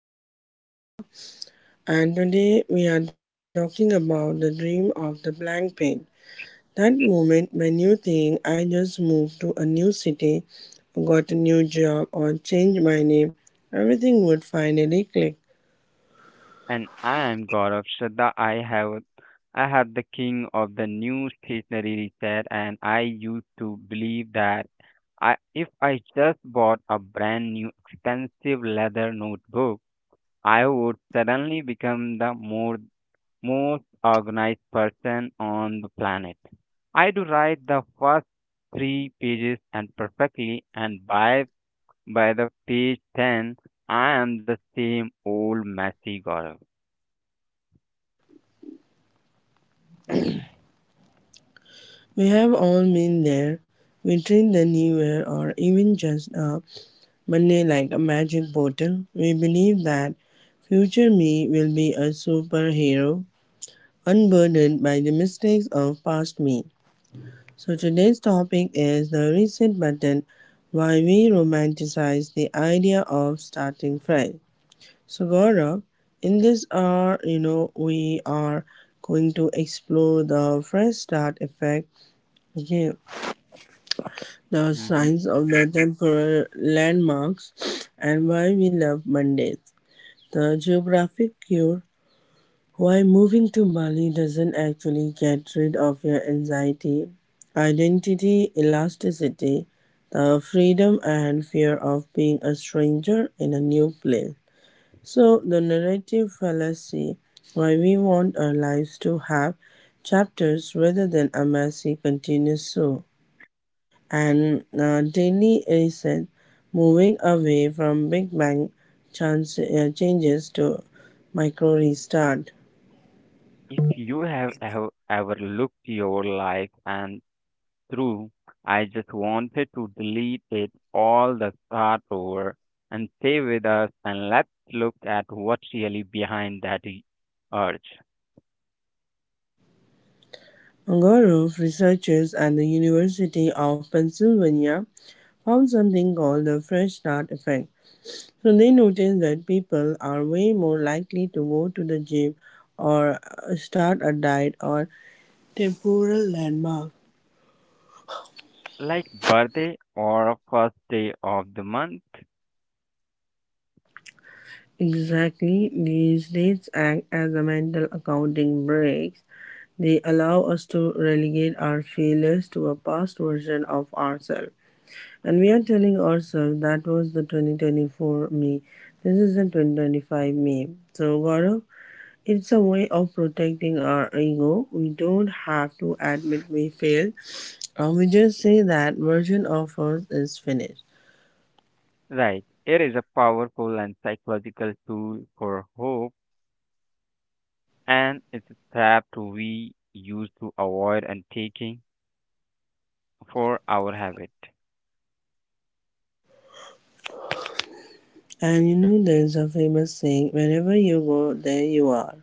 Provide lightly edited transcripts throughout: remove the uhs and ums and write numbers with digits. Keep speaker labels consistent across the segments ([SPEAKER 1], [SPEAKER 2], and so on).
[SPEAKER 1] welcome back. I am Shanda, and today we are talking about the dream of the blank page. That moment when you think I just moved to a new city, got a new job or changed my name, everything would finally click.
[SPEAKER 2] And I am Gaurav Shraddha. I have the king of the new stationery set, and I used to believe that I if I just bought a brand new expensive leather notebook, I would suddenly become the more most organized person on the planet. I do write the first three pages and perfectly, and by the page ten I am the same old messy Gaurav.
[SPEAKER 1] We have all been there. We treat the new year or even just a Monday like a magic bottle. We believe that Future me will be a superhero, unburdened by the mistakes of past me. So today's topic is the reset button, why we romanticize the idea of starting fresh. So Gaurav, in this hour, you know, we are going to explore the fresh start effect, okay, the
[SPEAKER 2] Mhm.
[SPEAKER 1] signs of the temporal landmarks, and why we love Mondays, the geographic cure. Why moving to Bali doesn't actually get rid of your anxiety, identity, elasticity, the freedom and fear of being a stranger in a new place. So, the narrative fallacy, why we want our lives to have chapters rather than a messy continuous show. And daily reset, moving away from Big Bang chance, changes to micro restart.
[SPEAKER 2] If you have ever looked your life and through, I just wanted to delete it all the start over and stay with us, and let's look at what's really behind that urge.
[SPEAKER 1] A group of researchers at the University of Pennsylvania found something called the fresh start effect. So they noticed that people are way more likely to go to the gym or start a diet or temporal landmark.
[SPEAKER 2] Like birthday or first day of the month,
[SPEAKER 1] Exactly, these dates act as a mental accounting breaks. They allow us to relegate our failures to a past version of ourselves. And we are telling ourselves that was the 2024 me. This is the 2025 me. So, Gaurav, it's a way of protecting our ego. We don't have to admit we failed, or we just say that version of us is finished.
[SPEAKER 2] right? It is a powerful and psychological tool for hope, and it's a trap to we use to avoid and taking for our habit.
[SPEAKER 1] And you know, there's a famous saying, wherever you go, there you are.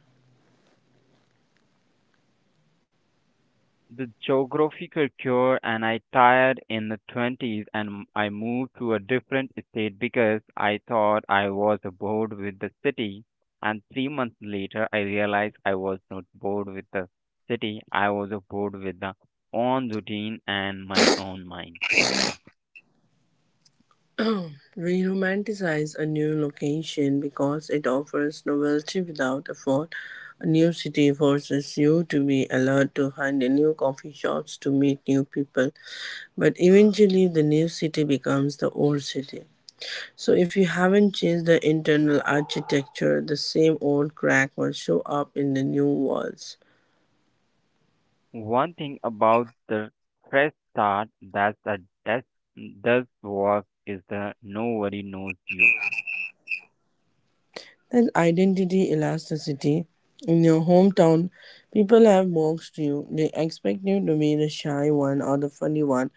[SPEAKER 2] The geographical cure, and I tired in the 20s, and I moved to a different state because I thought I was bored with the city, and 3 months later I realized I was not bored with the city, I was bored with the own routine and my own mind.
[SPEAKER 1] We romanticize a new location because it offers novelty without effort. A new city forces you to be alert, to find a new coffee shops, to meet new people. But eventually, the new city becomes the old city. So, if you haven't changed the internal architecture, the same old crack will show up in the new walls.
[SPEAKER 2] One thing about the fresh start that's a desk does work is the nobody knows you.
[SPEAKER 1] And identity elasticity. In your hometown, people have boxed you. They expect you to be the shy one, or the funny one,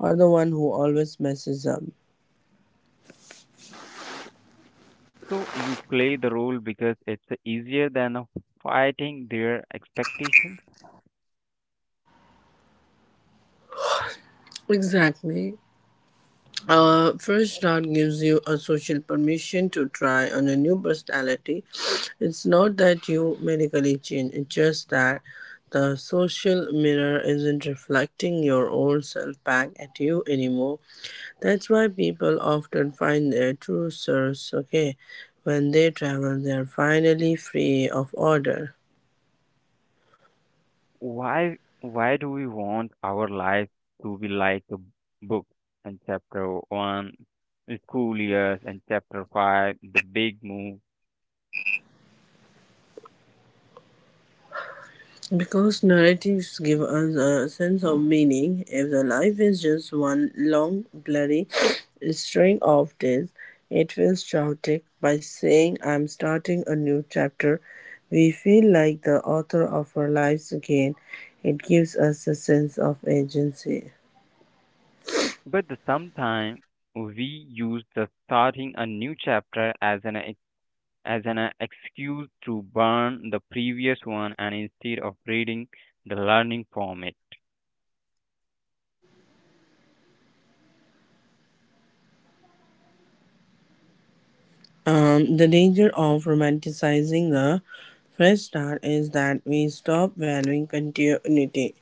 [SPEAKER 1] or the one who always messes up.
[SPEAKER 2] So you play the role because it's easier than of fighting their expectations.
[SPEAKER 1] Exactly. Fresh start gives you a social permission to try on a new personality. It's not that you medically change, it's just that the social mirror isn't reflecting your old self back at you anymore. That's why people often find their true source, okay, when they travel they are finally free of order.
[SPEAKER 2] Why do we want our life to be like a book and chapter one, the school years and chapter five, the big move?
[SPEAKER 1] Because narratives give us a sense of meaning. If the life is just one long, bloody string of days, it feels chaotic. By saying, I'm starting a new chapter, we feel like the author of our lives again. It gives us a sense of agency.
[SPEAKER 2] But the sometimes we use the starting a new chapter as an excuse to burn the previous one, and instead of reading the learning format.
[SPEAKER 1] The danger of romanticizing the fresh start is that we stop valuing continuity.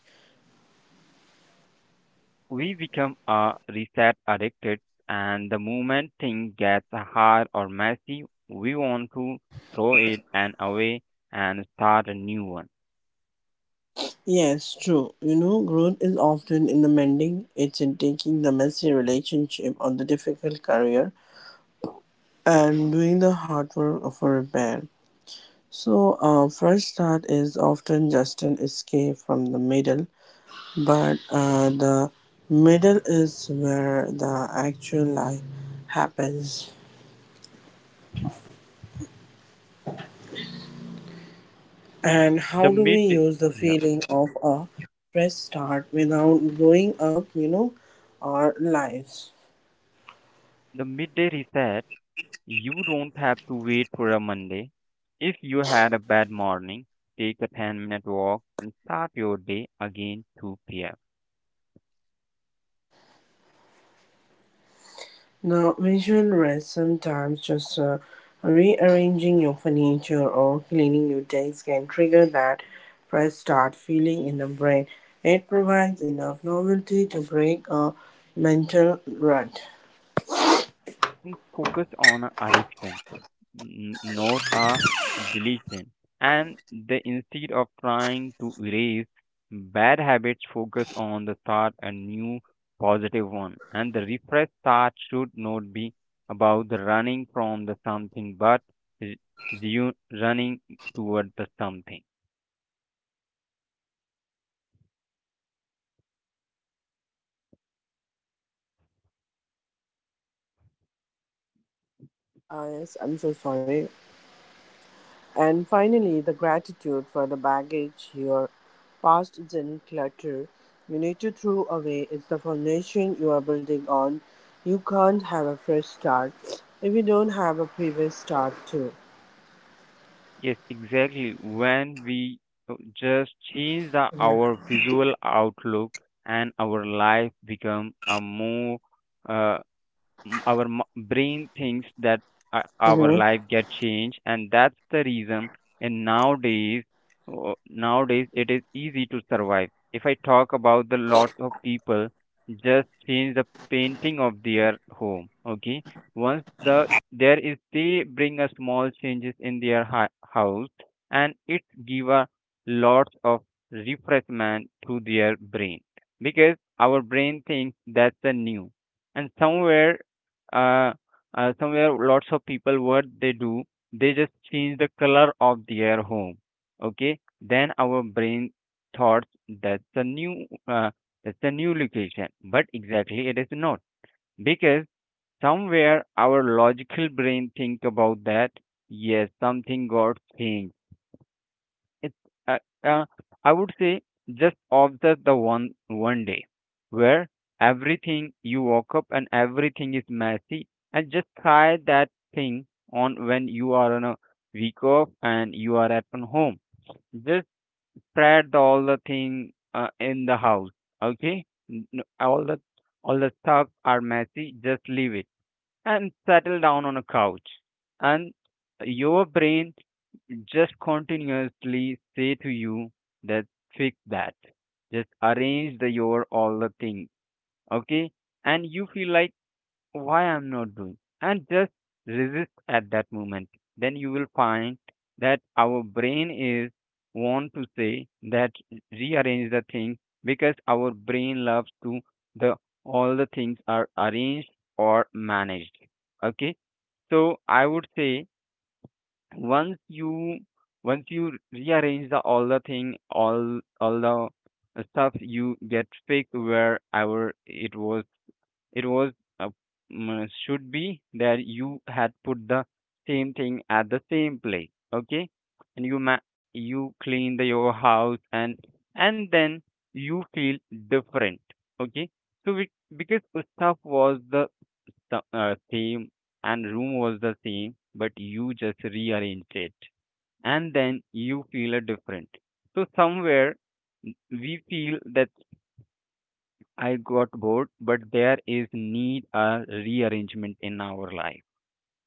[SPEAKER 2] We become a reset addicted, and the moment thing gets hard or messy we want to throw it and away and start a new one.
[SPEAKER 1] Yes, true. You know, growth is often in the mending, it's in taking the messy relationship or the difficult career and doing the hard work of a repair. So, fresh start is often just an escape from the middle, but the middle is where the actual life happens. And
[SPEAKER 2] the
[SPEAKER 1] how do we
[SPEAKER 2] mid
[SPEAKER 1] use the
[SPEAKER 2] yep,
[SPEAKER 1] feeling of a fresh start without blowing up, you know, our lives?
[SPEAKER 2] The midday reset. You don't have to wait for a Monday. If you had a bad morning, take a 10-minute walk and start your day again 2 p.m.
[SPEAKER 1] The visual rest, sometimes just rearranging your furniture or cleaning your desk can trigger that fresh start feeling in the brain. It provides enough novelty to break a mental rut.
[SPEAKER 2] And focus on a addiction, not a deletion. And they instead of trying to erase bad habits, focus on the start a new positive one. And the refresh start should not be about the running from the something, but re- you running toward the something.
[SPEAKER 1] Ah yes, I'm so sorry. And finally, the gratitude for the baggage your past didn't clutter. You need to throw away. It's the foundation you are building on. You can't have a fresh start if you don't have a previous start, too.
[SPEAKER 2] Yes, exactly. When we just change our visual outlook, and our life become a more, uh, brain thinks that our
[SPEAKER 1] Mhm.
[SPEAKER 2] life get changed, and that's the reason. And nowadays it is easy to survive. If I talk about the lots of people just change the painting of their home, okay, once the there is they bring a small changes in their house, and it give a lots of refreshment to their brain, because our brain thinks that's the new. And uh, somewhere lots of people what they do, they just change the color of their home, okay, then our brain thought that's a new, location, but exactly it is not, because somewhere our logical brain think about that, yes, something got changed. it, uh, uh, I would say just observe the one day where everything, you woke up and everything is messy, and just try that thing on when you are on a week off and you are at on home. Just spread all the thing in the house. Okay, N- n- all the all the stuff are messy. Just leave it and settle down on a couch, and your brain just continuously say to you that fix that, just arrange the your all the thing, okay. And you feel like why I'm not doing, and just resist at that moment, then you will find that our brain is want to say that rearrange the thing, because our brain loves to the all the things are arranged or managed, okay. So I would say once you once you rearrange the all the thing, all the stuff you get fixed wherever It uh, should be that you had put the same thing at the same place, okay. And you you clean the your house, and then you feel different, okay. so we, because the stuff was the same, and room was the same but you just rearranged it, and then you feel a different. So somewhere we feel that I got bored, but there is need a rearrangement in our life.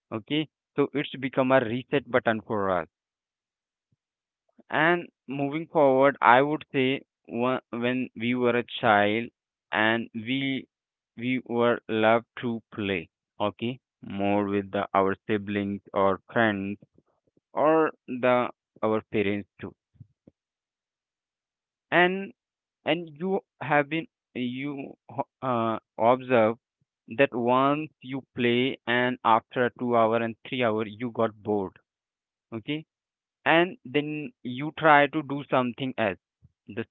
[SPEAKER 2] Okay, so it's become a reset button for us. And moving forward, I would say, when we were a child, and we were loved to play. Okay, more with our siblings or friends, or the our parents too. And and you have been you ho- uh, observe that once you play, and after 2 hour and 3 hour you got bored, okay, and then you try to do something else. the,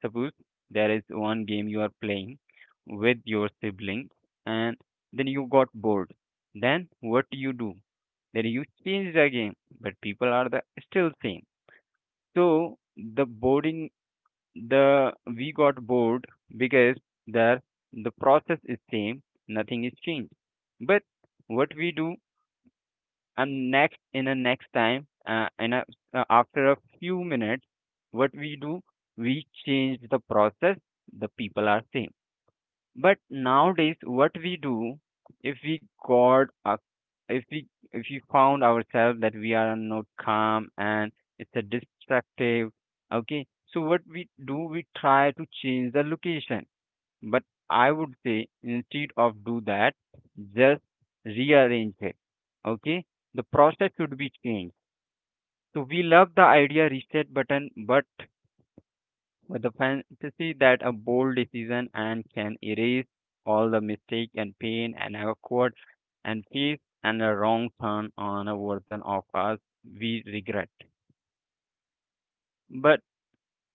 [SPEAKER 2] Suppose there is one game you are playing with your siblings, and then you got bored, then what do you do? Then you change the game, but people are the still same. So the boring, the we got bored, because there the process is same, nothing is changed. But what we do, and next in a next time in a, after a few minutes, what we do, we change the process, the people are same. But nowadays, what we do, if we got a, if we found ourselves that we are not calm and it's a distractive, okay. So what we do, we try to change the location. But I would say, instead of do that, just rearrange it. Okay, the process should be changed. So we love the idea reset button, but with the fantasy that a bold decision and can erase all the mistake and pain and awkward and face and a wrong turn on a version of us we regret. But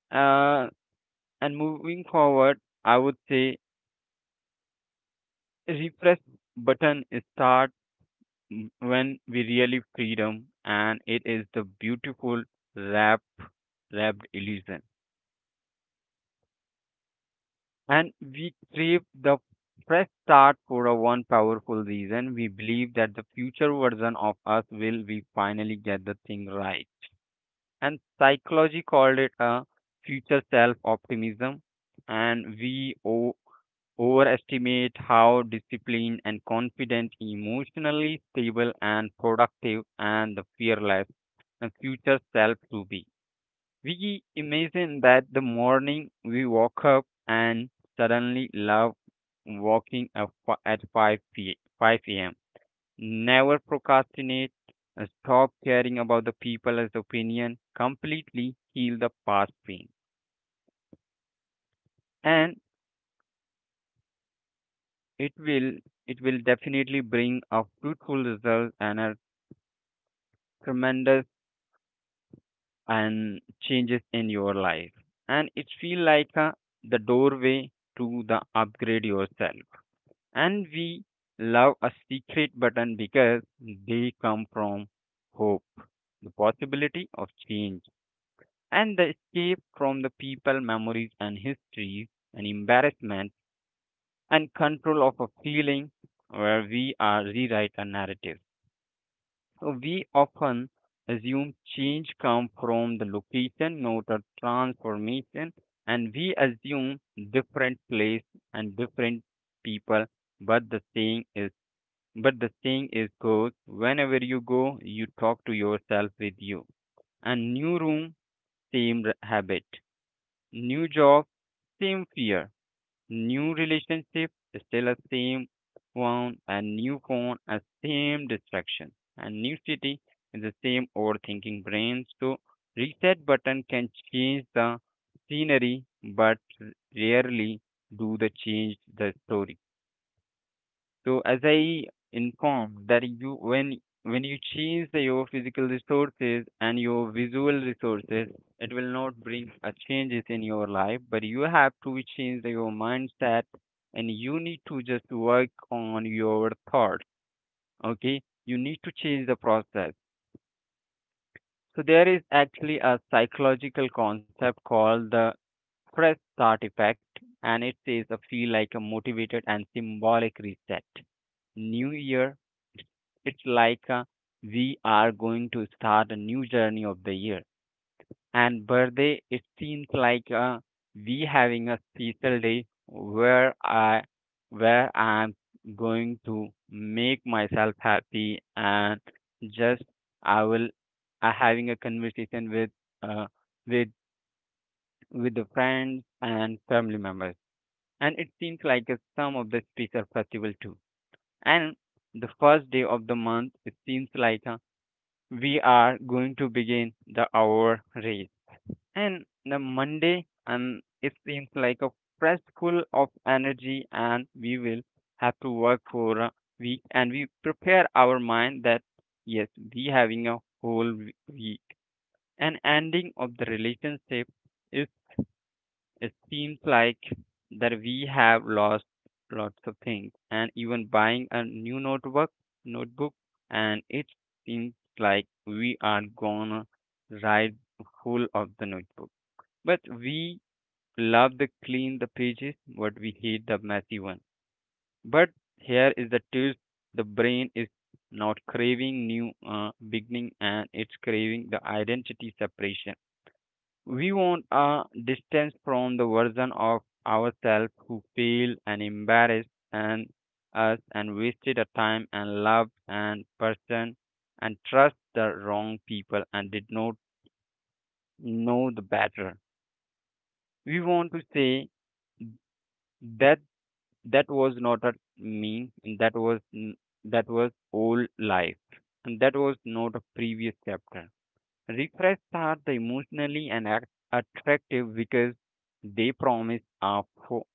[SPEAKER 2] uh, and moving forward, I would say refresh button start, when we really freedom, and it is the beautiful wrap wrapped illusion. And we crave the fresh start for a one powerful reason. We believe that the future version of us will we finally get the thing right. And psychology called it a future self optimism. And we overestimate how disciplined and confident, emotionally stable and productive, and the fearless the future self to be. We imagine that the morning we woke up, and suddenly love walking at 5 a.m. Never procrastinate, stop caring about the people's opinion, completely heal the past pain. And it will it will definitely bring a fruitful result and a tremendous and changes in your life. And it feel like, the doorway to the upgrade yourself. And we love a secret button because they come from hope, the possibility of change, and the escape from the people, memories, and histories, and embarrassment, and control of a feeling where we are rewrite a narrative. So we often assume change comes from the location, not a transformation, and we assume different place and different people, but the thing is, goes whenever you go, you talk to yourself with you. And new room, same habit. New job, same fear. New relationship, still a same phone. And new phone, a same distraction. And new city is the same overthinking brain. So reset button can change the scenery, but rarely do the change the story. So as I informed that you, when you chase your physical resources and your visual resources, it will not bring a changes in your life, but you have to change your mindset, and you need to just work on your thoughts. Okay, you need to change the process. So there is actually a psychological concept called the fresh start effect, and it says a feel like a motivated and symbolic reset. New Year. It's like, we are going to start a new journey of the year. And birthday, it seems like, we having a special day, where I'm going to make myself happy, and just I will I having a conversation with, uh, with with the friends and family members. And it seems like, some of the special festival too. And the first day of the month, it seems like, we are going to begin the hour race. And the Monday, and it seems like a fresh full of energy, and we will have to work for a week, and we prepare our mind that yes, we having a whole week. And ending of the relationship is, it seems like that we have lost lots of things, and even buying a new notebook, and it seems like we are gonna ride full of the notebook. But we love the clean the pages, but we hate the messy one. But here is the twist. The brain is not craving new beginning, and it's craving the identity separation. We want a distance from the version of ourselves who failed and embarrassed and us and wasted our time and love and person and trust the wrong people and did not know the better. We want to say that that was not a me, and that was old life, and that was not a previous chapter. Refresh are the emotionally and attractive because they promise a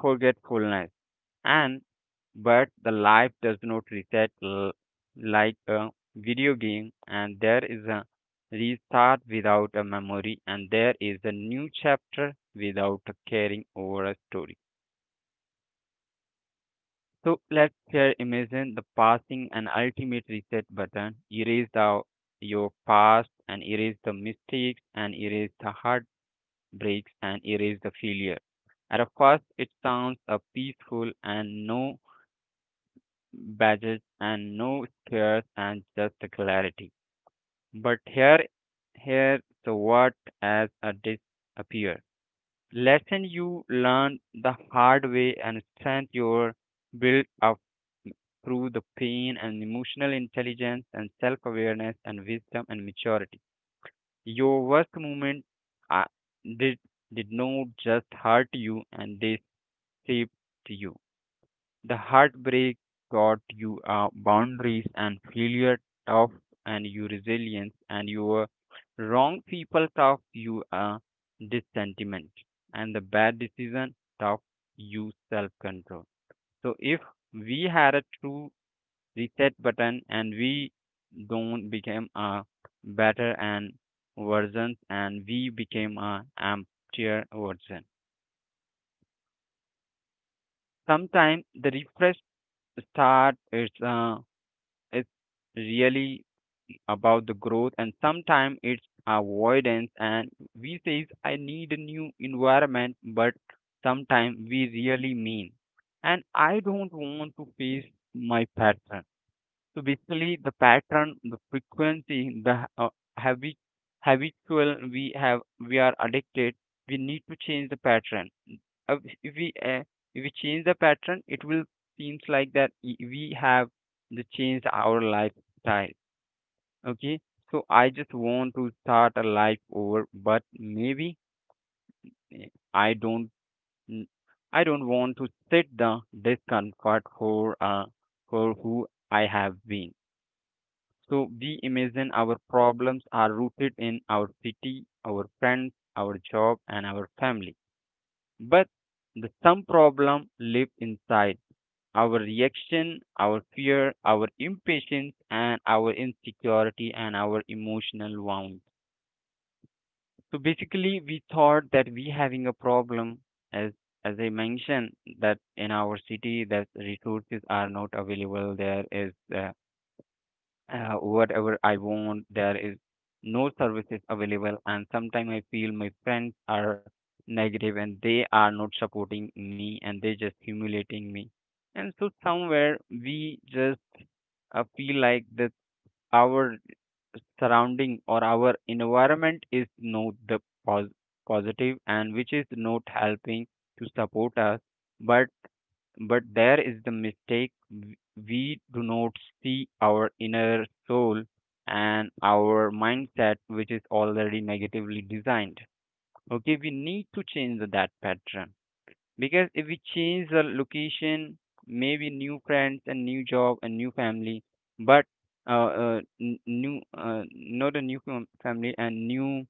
[SPEAKER 2] forgetfulness, and but the life does not reset like a video game, and there is a restart without a memory, and there is a new chapter without a caring over a story. So let's here imagine the passing and ultimate reset button, erase the your past and erase the mistakes and erase the heart breaks and erase the failure. At a first, it sounds peaceful and no badges and no scares and just a clarity. But here, so what as a disappear? Lesson you learned the hard way and strength your built up through the pain and emotional intelligence and self awareness and wisdom and maturity. Your worst moment uh, did did not just hurt you, and they shaped you. The heartbreak taught you boundaries, and failure tough and your resilience, and your wrong people taught you dissentiment, and the bad decision taught you self control. So if we had a true reset button, and we don't became a better and versions, and we became a emptier version. Sometimes the refresh start is it's really about the growth, and sometimes it's avoidance, and we says I need a new environment, but sometimes we really mean and I don't want to face my pattern. So basically, the pattern, the frequency, the habit, habitual we have, we are addicted. We need to change the pattern. Uh, If we if we change the pattern, it will seems like that we have the changed our lifestyle. Okay, so I just want to start a life over, but maybe I don't. mm, I don't want to sit the discomfort for who I have been. So we imagine our problems are rooted in our city, our friends, our job, and our family. But the some problem live inside our reaction, our fear, our impatience, and our insecurity and our emotional wounds. So basically, we thought that we having a problem as as I mentioned that in our city that resources are not available. There is whatever I want. There is no services available, and sometimes I feel my friends are negative, and they are not supporting me, and they just humiliating me. And so somewhere we just feel like that our surrounding or our environment is not the pos- positive, and which is not helping to support us. But but there is the mistake we do not see our inner soul and our mindset, which is already negatively designed. Okay, we need to change that pattern, because if we change the location, maybe new friends and new job and new family, but n- new not a new family and new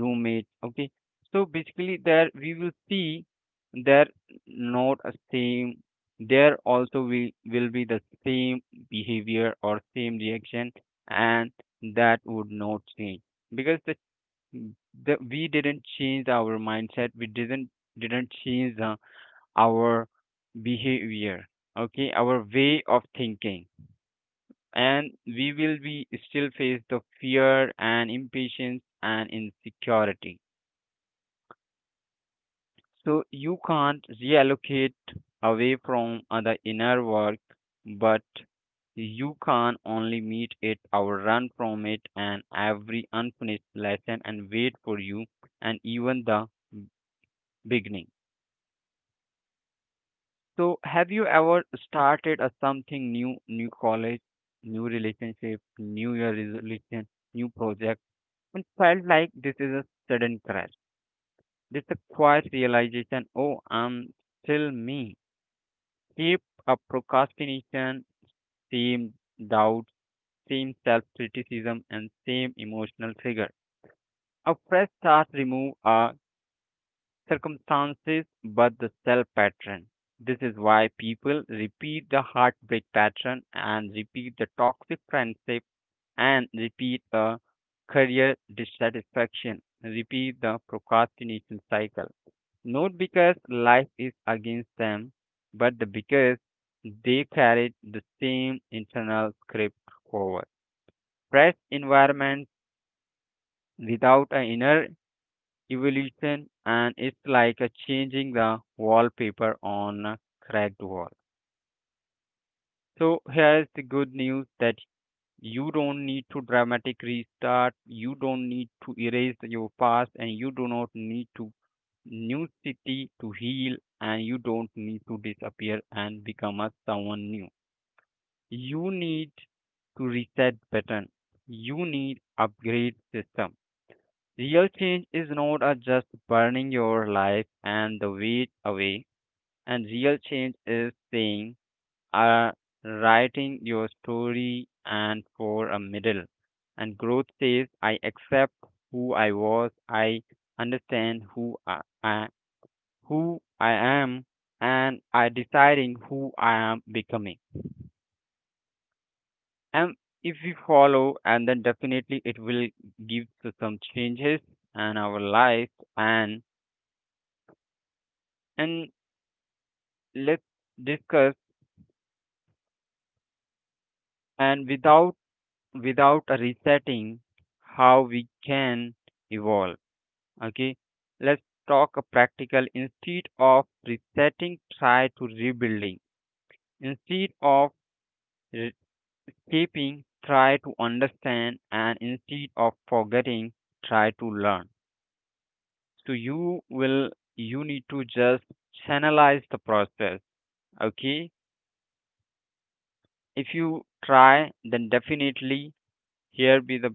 [SPEAKER 2] roommate. Okay, so basically there we will see there not a same, there also will be the same behavior or same reaction, and that would not change, because the we didn't change our mindset, we didn't change our behavior, okay, our way of thinking, and we will be still face the fear and impatience and insecurity. So you can't reallocate away from other inner work, but you can only meet it or run from it, and every unfinished lesson and wait for you and even the beginning. So have you ever started a something new, new college, new relationship, new year resolution, new project, and felt like this is a sudden crash. This a quiet realization, oh, I'm still me. Keep up procrastination, same doubt, same self criticism, and same emotional trigger. A fresh start remove our circumstances but the self pattern. This is why people repeat the heartbreak pattern and repeat the toxic friendship and repeat a career dissatisfaction, repeat the procrastination cycle. Not because life is against them, but because they carried the same internal script forward. Fresh environment without an inner evolution, and it's like a changing the wallpaper on a cracked wall. So here's the good news that you don't need to dramatic restart, you don't need to erase your past, and you do not need to new city to heal, and you don't need to disappear and become a someone new. You need to reset pattern, you need upgrade system. Real change is not a just burning your life and the weight away, and real change is saying uh, writing your story and for a middle, and growth says I accept who I was, I understand who I am, and I deciding who I am becoming. And if we follow, and then definitely it will give to some changes in our life. And and let's discuss and without a resetting, how we can evolve. Okay, let's talk a practical. Instead of resetting, try to rebuilding. Instead of keeping, try to understand. And instead of forgetting, try to learn. So you will you need to just channelize the process. Okay, if you try, then definitely here be the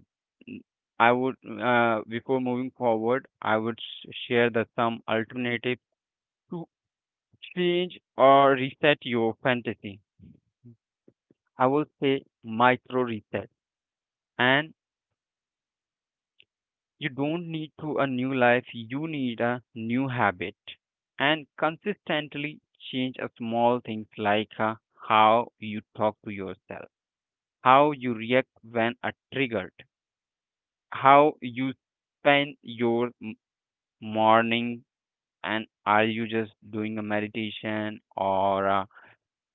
[SPEAKER 2] I would before moving forward I would share the some alternatives to change or reset your fantasy. I will say micro reset. And you don't need to a new life, you need a new habit. And consistently change a small things, like how you talk to yourself, how you react when are triggered, how you spend your morning, and are you just doing a meditation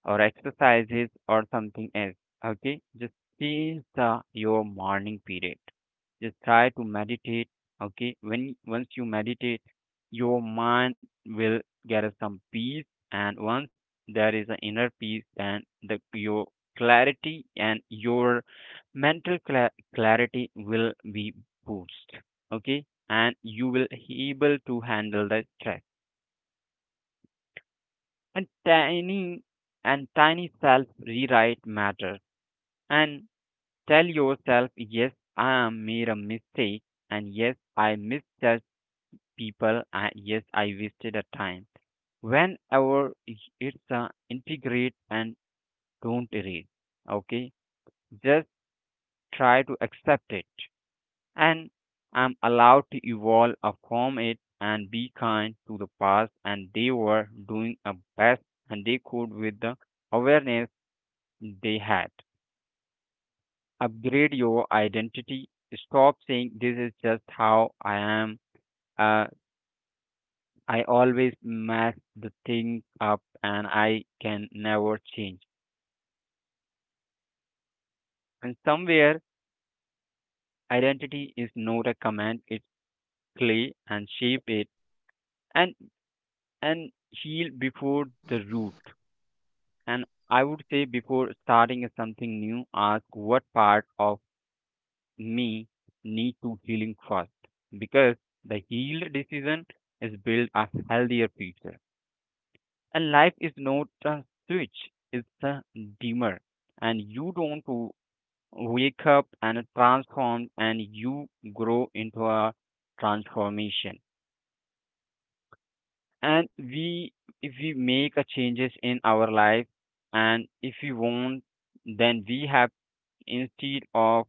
[SPEAKER 2] or exercises or something else. Okay, just seize your morning period. Just try to meditate. Okay, when once you meditate, your mind will get some peace, and once there is an inner peace, then the your clarity and your mental clarity will be boost. Okay, and you will able to handle the stress. And tiny and tiny self rewrite matter, and tell yourself, yes, I am made a mistake, and yes, I misjudged people, and yes, I wasted a time. Whenever it's a integrate and don't erase. Okay, just try to accept it, and I'm allowed to evolve from it, and be kind to the past, and they were doing a best and they could with the awareness they had. Upgrade your identity. Stop saying this is just how I am. Uh, I always mess the thing up, and I can never change. And somewhere identity is not a command, it's clay and shape it, and and heal before the root. And I would say before starting something new, ask what part of me need to healing first. Because the healed decision is build a healthier future. And life is not a switch, it's a dimmer, and you don't wake up and transform, and you grow into a transformation. And we if we make a changes in our life, and if we want, then we have instead of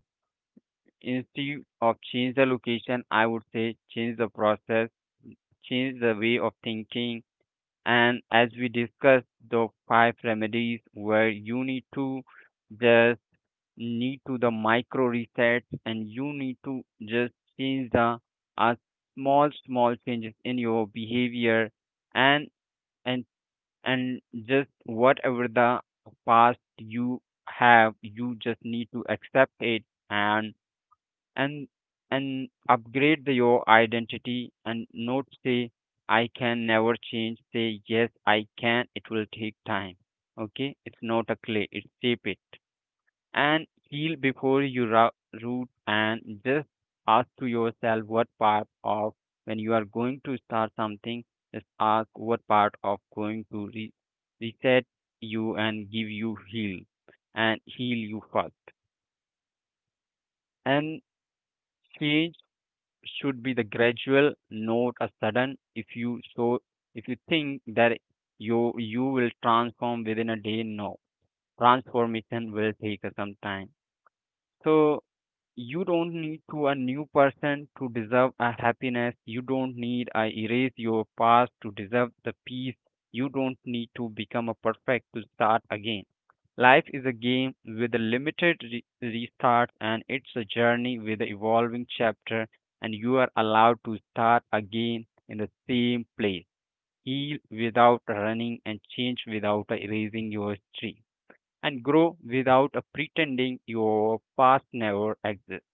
[SPEAKER 2] instead of change the location, I would say change the process, change the way of thinking. And as we discussed, the five remedies where you need to just need to the micro resets, and you need to just change the uh, small small changes in your behavior, and and and just whatever the past you have, you just need to accept it, and and and upgrade your identity, and not say I can never change, say yes I can, it will take time. Okay, it's not a clay, it's shape it, and heal before you root, and just ask to yourself what part of when you are going to start something, just ask what part of going to reset you and give you heal and heal you first. And change should be the gradual, not a sudden. If you so, if you think that you will transform within a day, no, transformation will take some time. So you don't need to a new person to deserve a happiness, you don't need a erase your past to deserve the peace, you don't need to become a perfect to start again. Life is a game with a limited restart, and it's a journey with an evolving chapter, and you are allowed to start again in the same place, heal without running and change without erasing your history, and grow without pretending your past never exists.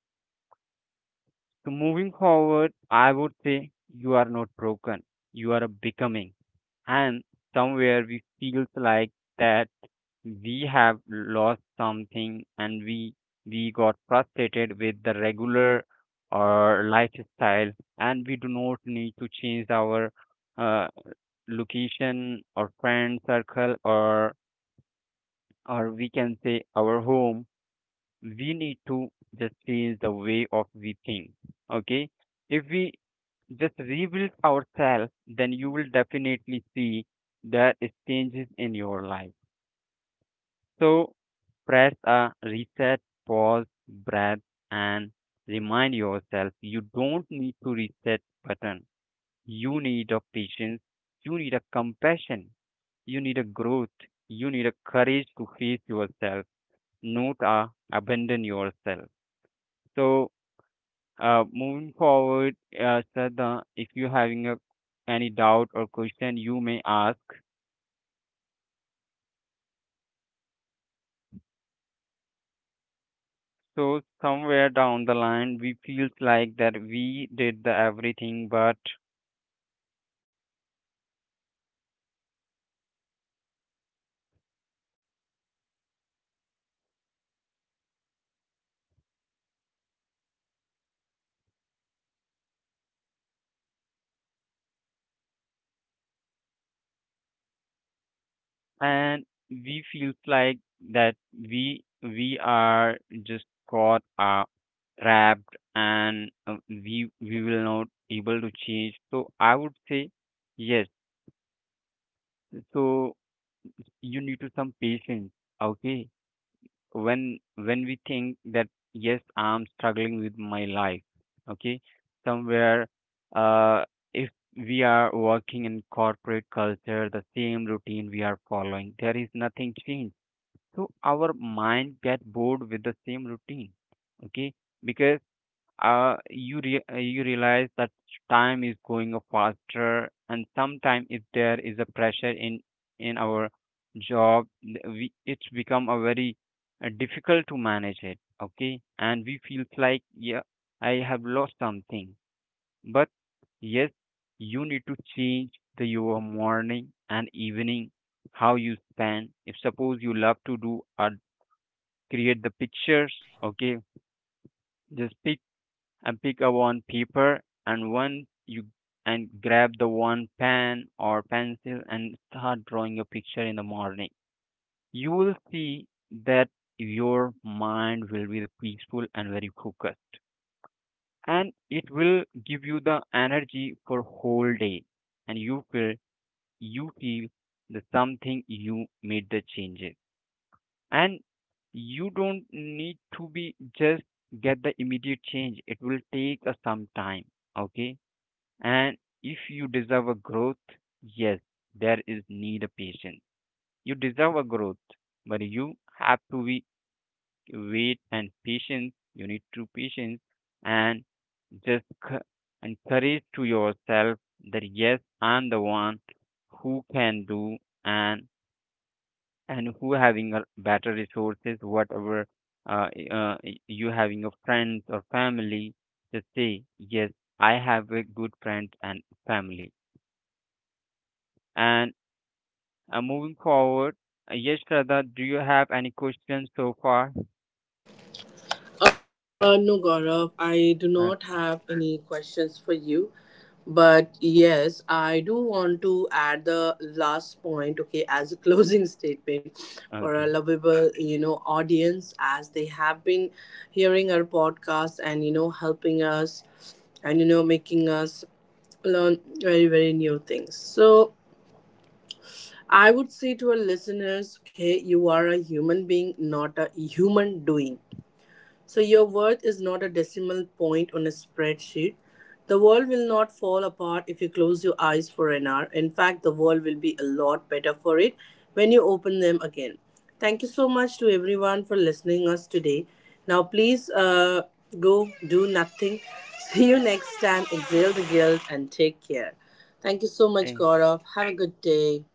[SPEAKER 2] So moving forward, I would say you are not broken. You are a becoming. And somewhere we feel like that we have lost something, and we got frustrated with the regular or lifestyle, and we do not need to change our uh, location or friend circle or we can say our home. We need to just change the way of we think. Okay, if we just rebuild ourselves, then you will definitely see the changes in your life. So press a reset, pause, breath, and remind yourself you don't need to reset button. You need a patience, you need a compassion, you need a growth, you need a courage to face yourself, not a abandon yourself. So moving forward, Shraddha, if you're having a, any doubt or question, you may ask. So somewhere down the line, we feels like that we did the everything, but and we feels like that we are just got trapped, and we will not able to change. So I would say yes. So you need to some patience. Okay, when we think that yes I'm struggling with my life, okay, somewhere uh if we are working in corporate culture, the same routine we are following, there is nothing changed, so our mind get bored with the same routine. Okay, because you realize that time is going up faster, and sometimes if there is a pressure in our job we, it's become a very difficult to manage it, okay, and we feel like, yeah, I have lost something. But yes, you need to change the your morning and evening, how you spend, if suppose you love to do or create the pictures. Okay, just pick and pick a one paper and one you and grab the one pen or pencil and start drawing a picture in the morning. You will see that your mind will be the peaceful and very focused, and it will give you the energy for whole day, and you feel the something you made the changes, and you don't need to be just get the immediate change, it will take a some time. Okay, and if you deserve a growth, yes, there is need of patience. You deserve a growth, but you have to be wait and patience. You need to patience, and just encourage to yourself that yes, I'm the one who can do, and and who having a better resources, whatever you having a friends or family, just say yes, I have a good friend and family. And moving forward, yes, Shraddha, do you have any questions so far?
[SPEAKER 3] No, Gaurav, I do
[SPEAKER 2] Uh,
[SPEAKER 3] not have any questions for you. But yes, I do want to add the last point, okay, as a closing statement for our
[SPEAKER 2] okay.
[SPEAKER 3] lovable, audience as they have been hearing our podcast and, helping us and, making us learn very, very new things. So I would say to our listeners, okay, you are a human being, not a human doing, so your worth is not a decimal point on a spreadsheet. The world will not fall apart if you close your eyes for an hour. In fact, the world will be a lot better for it when you open them again. Thank you so much to everyone for listening us today. Now please go do nothing. See you next time. Exhale the guilt and take care. Thank you so much,
[SPEAKER 2] Eh,
[SPEAKER 3] Gaurav. Have a good day.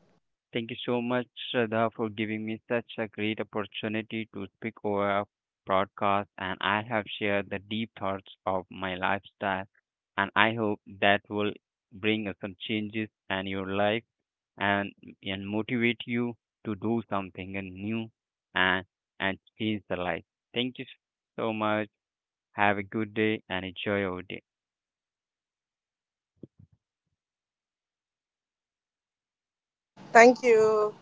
[SPEAKER 2] Thank you so much, Shraddha, for giving me such a great opportunity to speak over a broadcast, and I have shared the deep thoughts of my lifestyle, and I hope that will bring some changes in your life and and motivate you to do something and new and and change the life. Thank you so much. Have a good day and enjoy your day.
[SPEAKER 3] Thank you.